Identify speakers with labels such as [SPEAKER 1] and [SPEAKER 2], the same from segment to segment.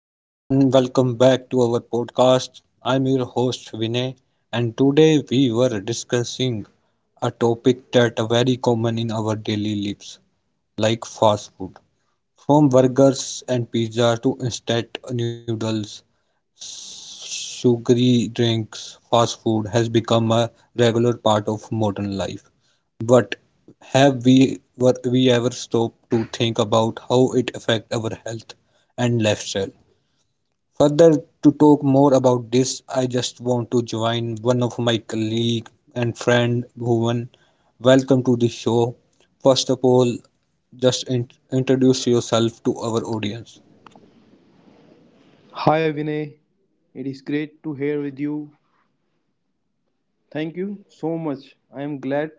[SPEAKER 1] Hello everyone, welcome back to our podcast. I'm your host Vinay, and today we were discussing a topic that are very common in our daily lives, like fast food. From burgers and pizza to instant noodles, sugary drinks, fast food has become a regular part of modern life. But have we ever stopped to think about how it affects our health and lifestyle? Further to talk more about this I just want to join one of my colleague and friend Bhuvan. Welcome to the show. First of all, just introduce yourself to our audience.
[SPEAKER 2] Hi Vinay, it is great to hear with you. Thank you so much. I am glad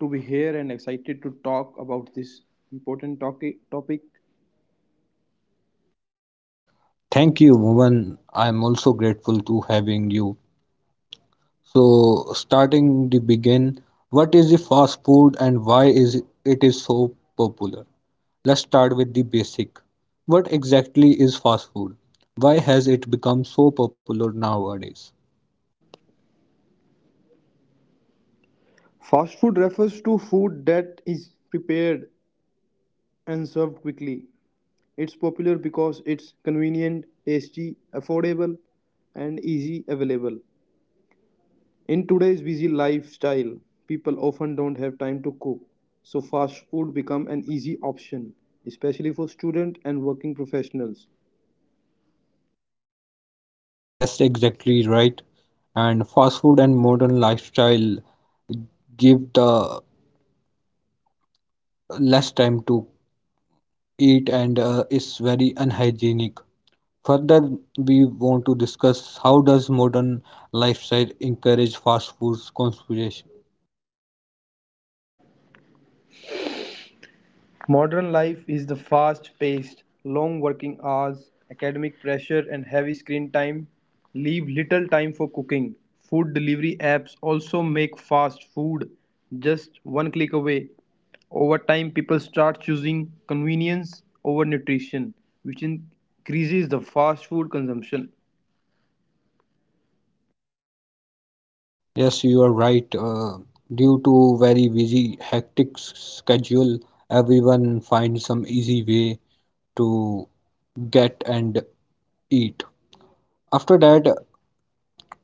[SPEAKER 2] to be here and excited to talk about this important topic.
[SPEAKER 1] Thank you, Bhuvan. I'm also grateful to having you. So, starting the begin, what is the fast food and why is it is so popular? Let's start with the basic. What exactly is fast food? Why has it become so popular nowadays?
[SPEAKER 2] Fast food refers to food that is prepared and served quickly. It's popular because it's convenient, tasty, affordable, and easy available. In today's busy lifestyle, people often don't have time to cook, so fast food become an easy option, especially for students and working professionals.
[SPEAKER 1] Yes, exactly right. And fast food and modern lifestyle give the less time to eat and is very unhygienic. Further, we want to discuss how does modern lifestyle encourage fast food consumption.
[SPEAKER 2] Modern life is the fast-paced, long working hours, academic pressure and heavy screen time leave little time for cooking. Food delivery apps also make fast food just one click away. Over time, people start choosing convenience over nutrition, which increases the fast food consumption.
[SPEAKER 1] Yes, you are right. Due to very busy, hectic schedule, everyone finds some easy way to get and eat. After that,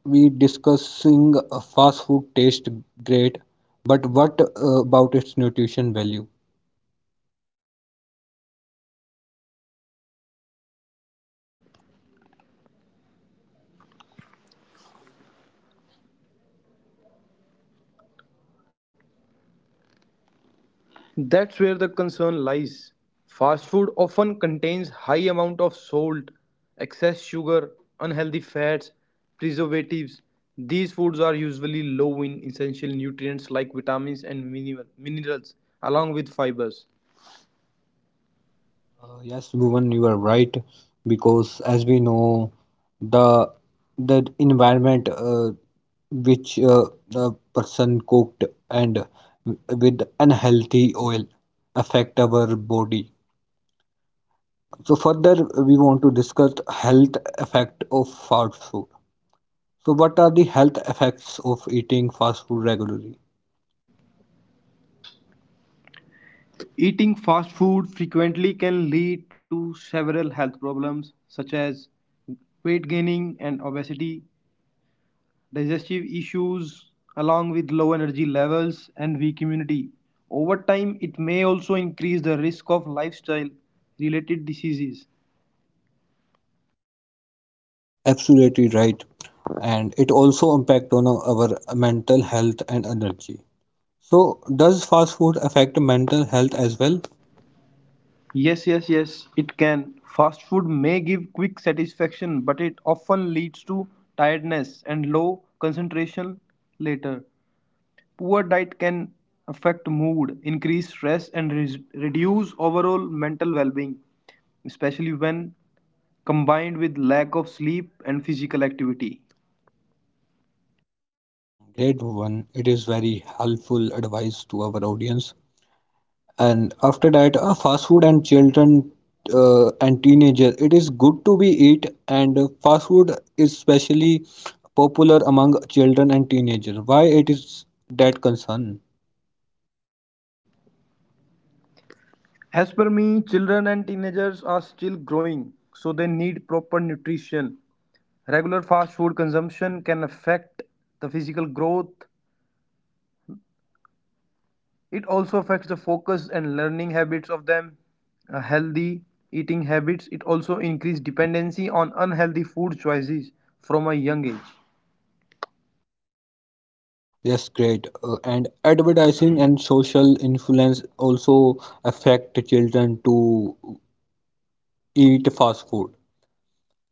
[SPEAKER 1] we discussing fast food taste great, but what about its nutrition value?
[SPEAKER 2] That's where the concern lies. Fast food often contains high amount of salt, excess sugar, unhealthy fats, preservatives. These foods are usually low in essential nutrients like vitamins and minerals along with fibers.
[SPEAKER 1] Yes, Bhuvan, you are right because as we know, the the environment which the person cooked and with unhealthy oil affect our body. So further, we want to discuss health effect of fast food. So what are the health effects of eating fast food regularly?
[SPEAKER 2] Eating fast food frequently can lead to several health problems such as weight gaining and obesity, digestive issues along with low energy levels and weak immunity. Over time, it may also increase the risk of lifestyle related diseases.
[SPEAKER 1] Absolutely right. And it also impact on our mental health and energy. So, does fast food affect mental health as well?
[SPEAKER 2] Yes, yes, yes, it can. Fast food may give quick satisfaction, but it often leads to tiredness and low concentration later. Poor diet can affect mood, increase stress, and reduce overall mental well being, especially when combined with lack of sleep and physical activity.
[SPEAKER 1] Great one. It is very helpful advice to our audience. And after that, fast food and children and teenager. It is good to be eat, and fast food is especially popular among children and teenagers. Why it is that concern?
[SPEAKER 2] As per me, children and teenagers are still growing, so they need proper nutrition. Regular fast food consumption can affect the physical growth. It also affects the focus and learning habits of them. Healthy eating habits it also increases dependency on unhealthy food choices from a young age.
[SPEAKER 1] Yes, great. And advertising and social influence also affect children to eat fast food.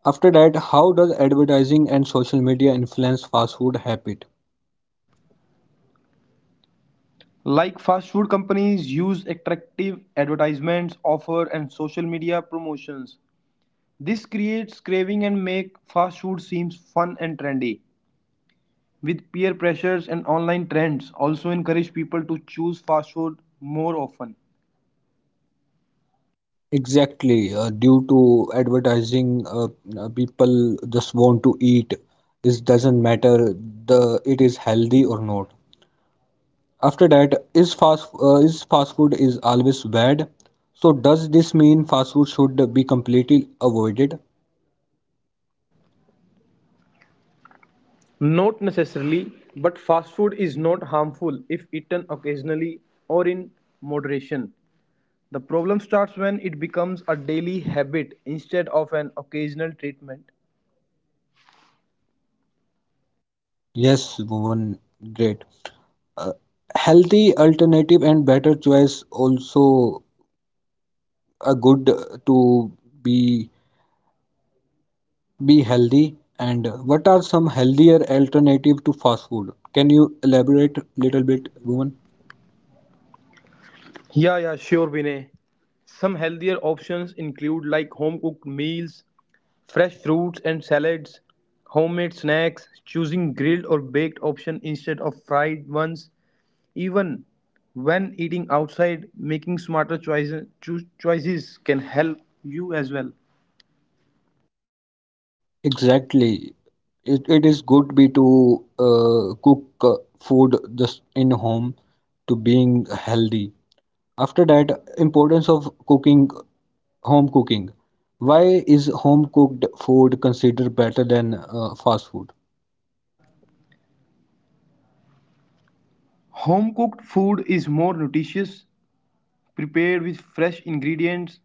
[SPEAKER 1] After that, how does advertising and social media influence fast food habit?
[SPEAKER 2] Like fast food companies use attractive advertisements, offer and social media promotions. This creates craving and make fast food seems fun and trendy. With peer pressures and online trends also encourage people to choose fast food more often.
[SPEAKER 1] Exactly, due to advertising, people just want to eat. It doesn't matter the it is healthy or not. After that, is fast food is always bad? So does this mean fast food should be completely avoided?
[SPEAKER 2] Not necessarily, but fast food is not harmful if eaten occasionally or in moderation. The problem starts when it becomes a daily habit instead of an occasional treatment.
[SPEAKER 1] Yes, Bhuvan, great. Uh, healthy alternative and better choice also a good to be be healthy. And what are some healthier alternative to fast food? Can you elaborate little bit, Bhuvan?
[SPEAKER 2] Yeah, yeah, sure, Vinay. Some healthier options include like home cooked meals, fresh fruits and salads, homemade snacks, choosing grilled or baked option instead of fried ones. Even when eating outside, making smarter choices, choices can help you as well.
[SPEAKER 1] Exactly. It is good be to cook food just in home to being healthy. After that, importance of cooking home cooking. Why is home cooked food considered better than fast food?
[SPEAKER 2] Home cooked food is more nutritious, prepared with fresh ingredients,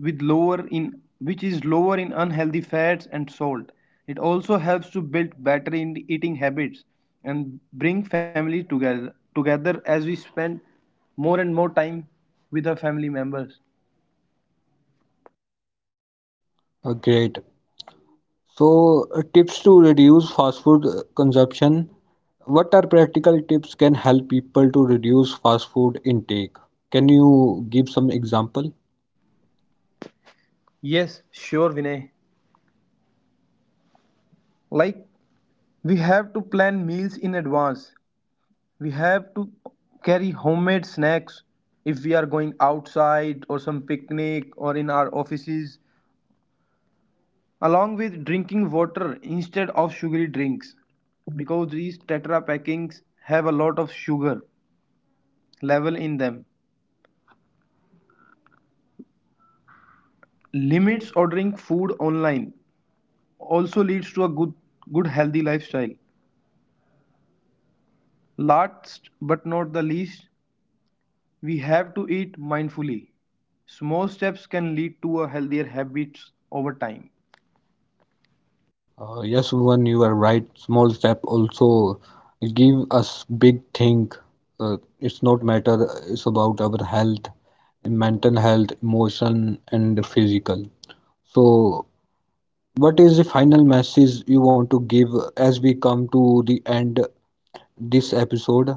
[SPEAKER 2] with lower in which is lower in unhealthy fats and salt. It also helps to build better in eating habits and bring family together as we spend more and more time with our family members.
[SPEAKER 1] Great. So, tips to reduce fast food consumption. What are practical tips can help people to reduce fast food intake? Can you give some example?
[SPEAKER 2] Yes, sure, Vinay. Like, we have to plan meals in advance. We have to carry homemade snacks if we are going outside or some picnic or in our offices, along with drinking water instead of sugary drinks because these tetra packings have a lot of sugar level in them. Limits ordering food online also leads to a good healthy lifestyle. Last but not the least, we have to eat mindfully. Small steps can lead to a healthier habits over time.
[SPEAKER 1] Yes, Bhuvan, you are right. Small step also give us big thing. It's not matter. It's about our health, mental health, emotion, and physical. So, what is the final message you want to give as we come to the end this episode?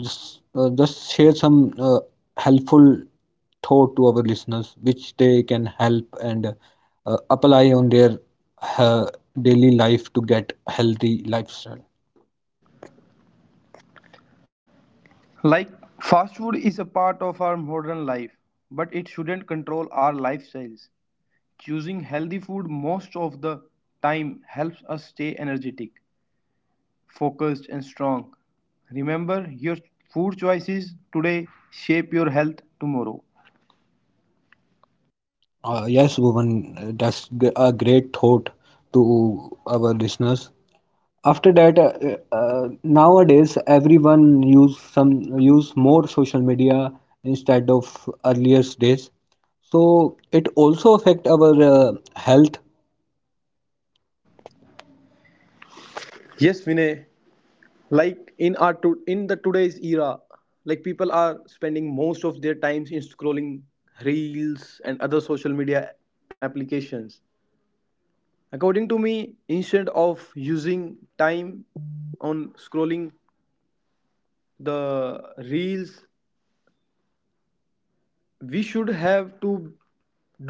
[SPEAKER 1] Just share some helpful thought to our listeners which they can help and apply on their uh, daily life to get healthy lifestyle.
[SPEAKER 2] Like, fast food is a part of our modern life, but it shouldn't control our lifestyles. Choosing healthy food most of the time helps us stay energetic, focused and strong. Remember, your food choices today shape your health tomorrow.
[SPEAKER 1] Yes woman, that's a great thought to our listeners. After that, nowadays everyone use more social media instead of earlier days, so it also affect our health.
[SPEAKER 2] Yes, Vinay, like in the today's era, like people are spending most of their times in scrolling reels and other social media applications. According to me, instead of using time on scrolling the reels, we should have to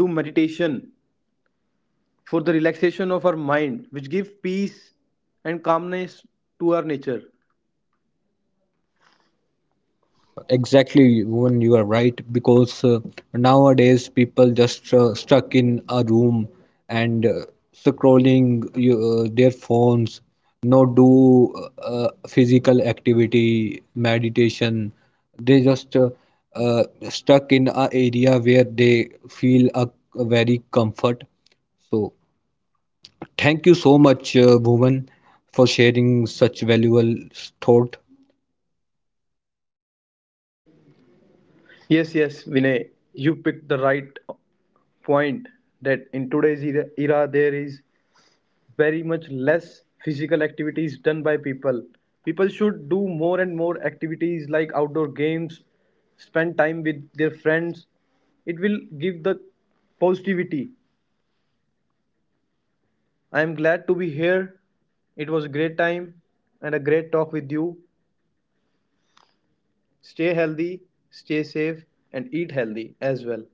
[SPEAKER 2] do meditation for the relaxation of our mind, which give peace and calmness to our nature.
[SPEAKER 1] Exactly, Bhuvan, you are right because nowadays people just stuck in a room and scrolling you, their phones, no do physical activity, meditation. They just uh, stuck in a area where they feel a very comfort. So thank you so much, Bhuvan, for sharing such valuable thought.
[SPEAKER 2] Yes, yes, Vinay, you picked the right point that in today's era there is very much less physical activities done by people. People should do more and more activities like outdoor games, spend time with their friends. It will give the positivity. I am glad to be here. It was a great time and a great talk with you. Stay healthy, stay safe, and eat healthy as well.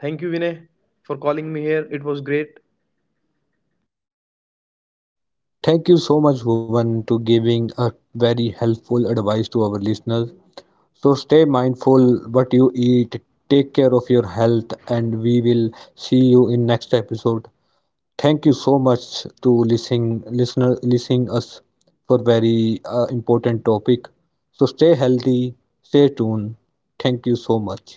[SPEAKER 2] Thank you, Vinay, for calling me here. It was great.
[SPEAKER 1] Thank you so much, Bhuvan, to giving a very helpful advice to our listeners. So stay mindful what you eat, take care of your health, and we will see you in next episode. Thank you so much to listening us for very important topic. So stay healthy, stay tuned. Thank you so much.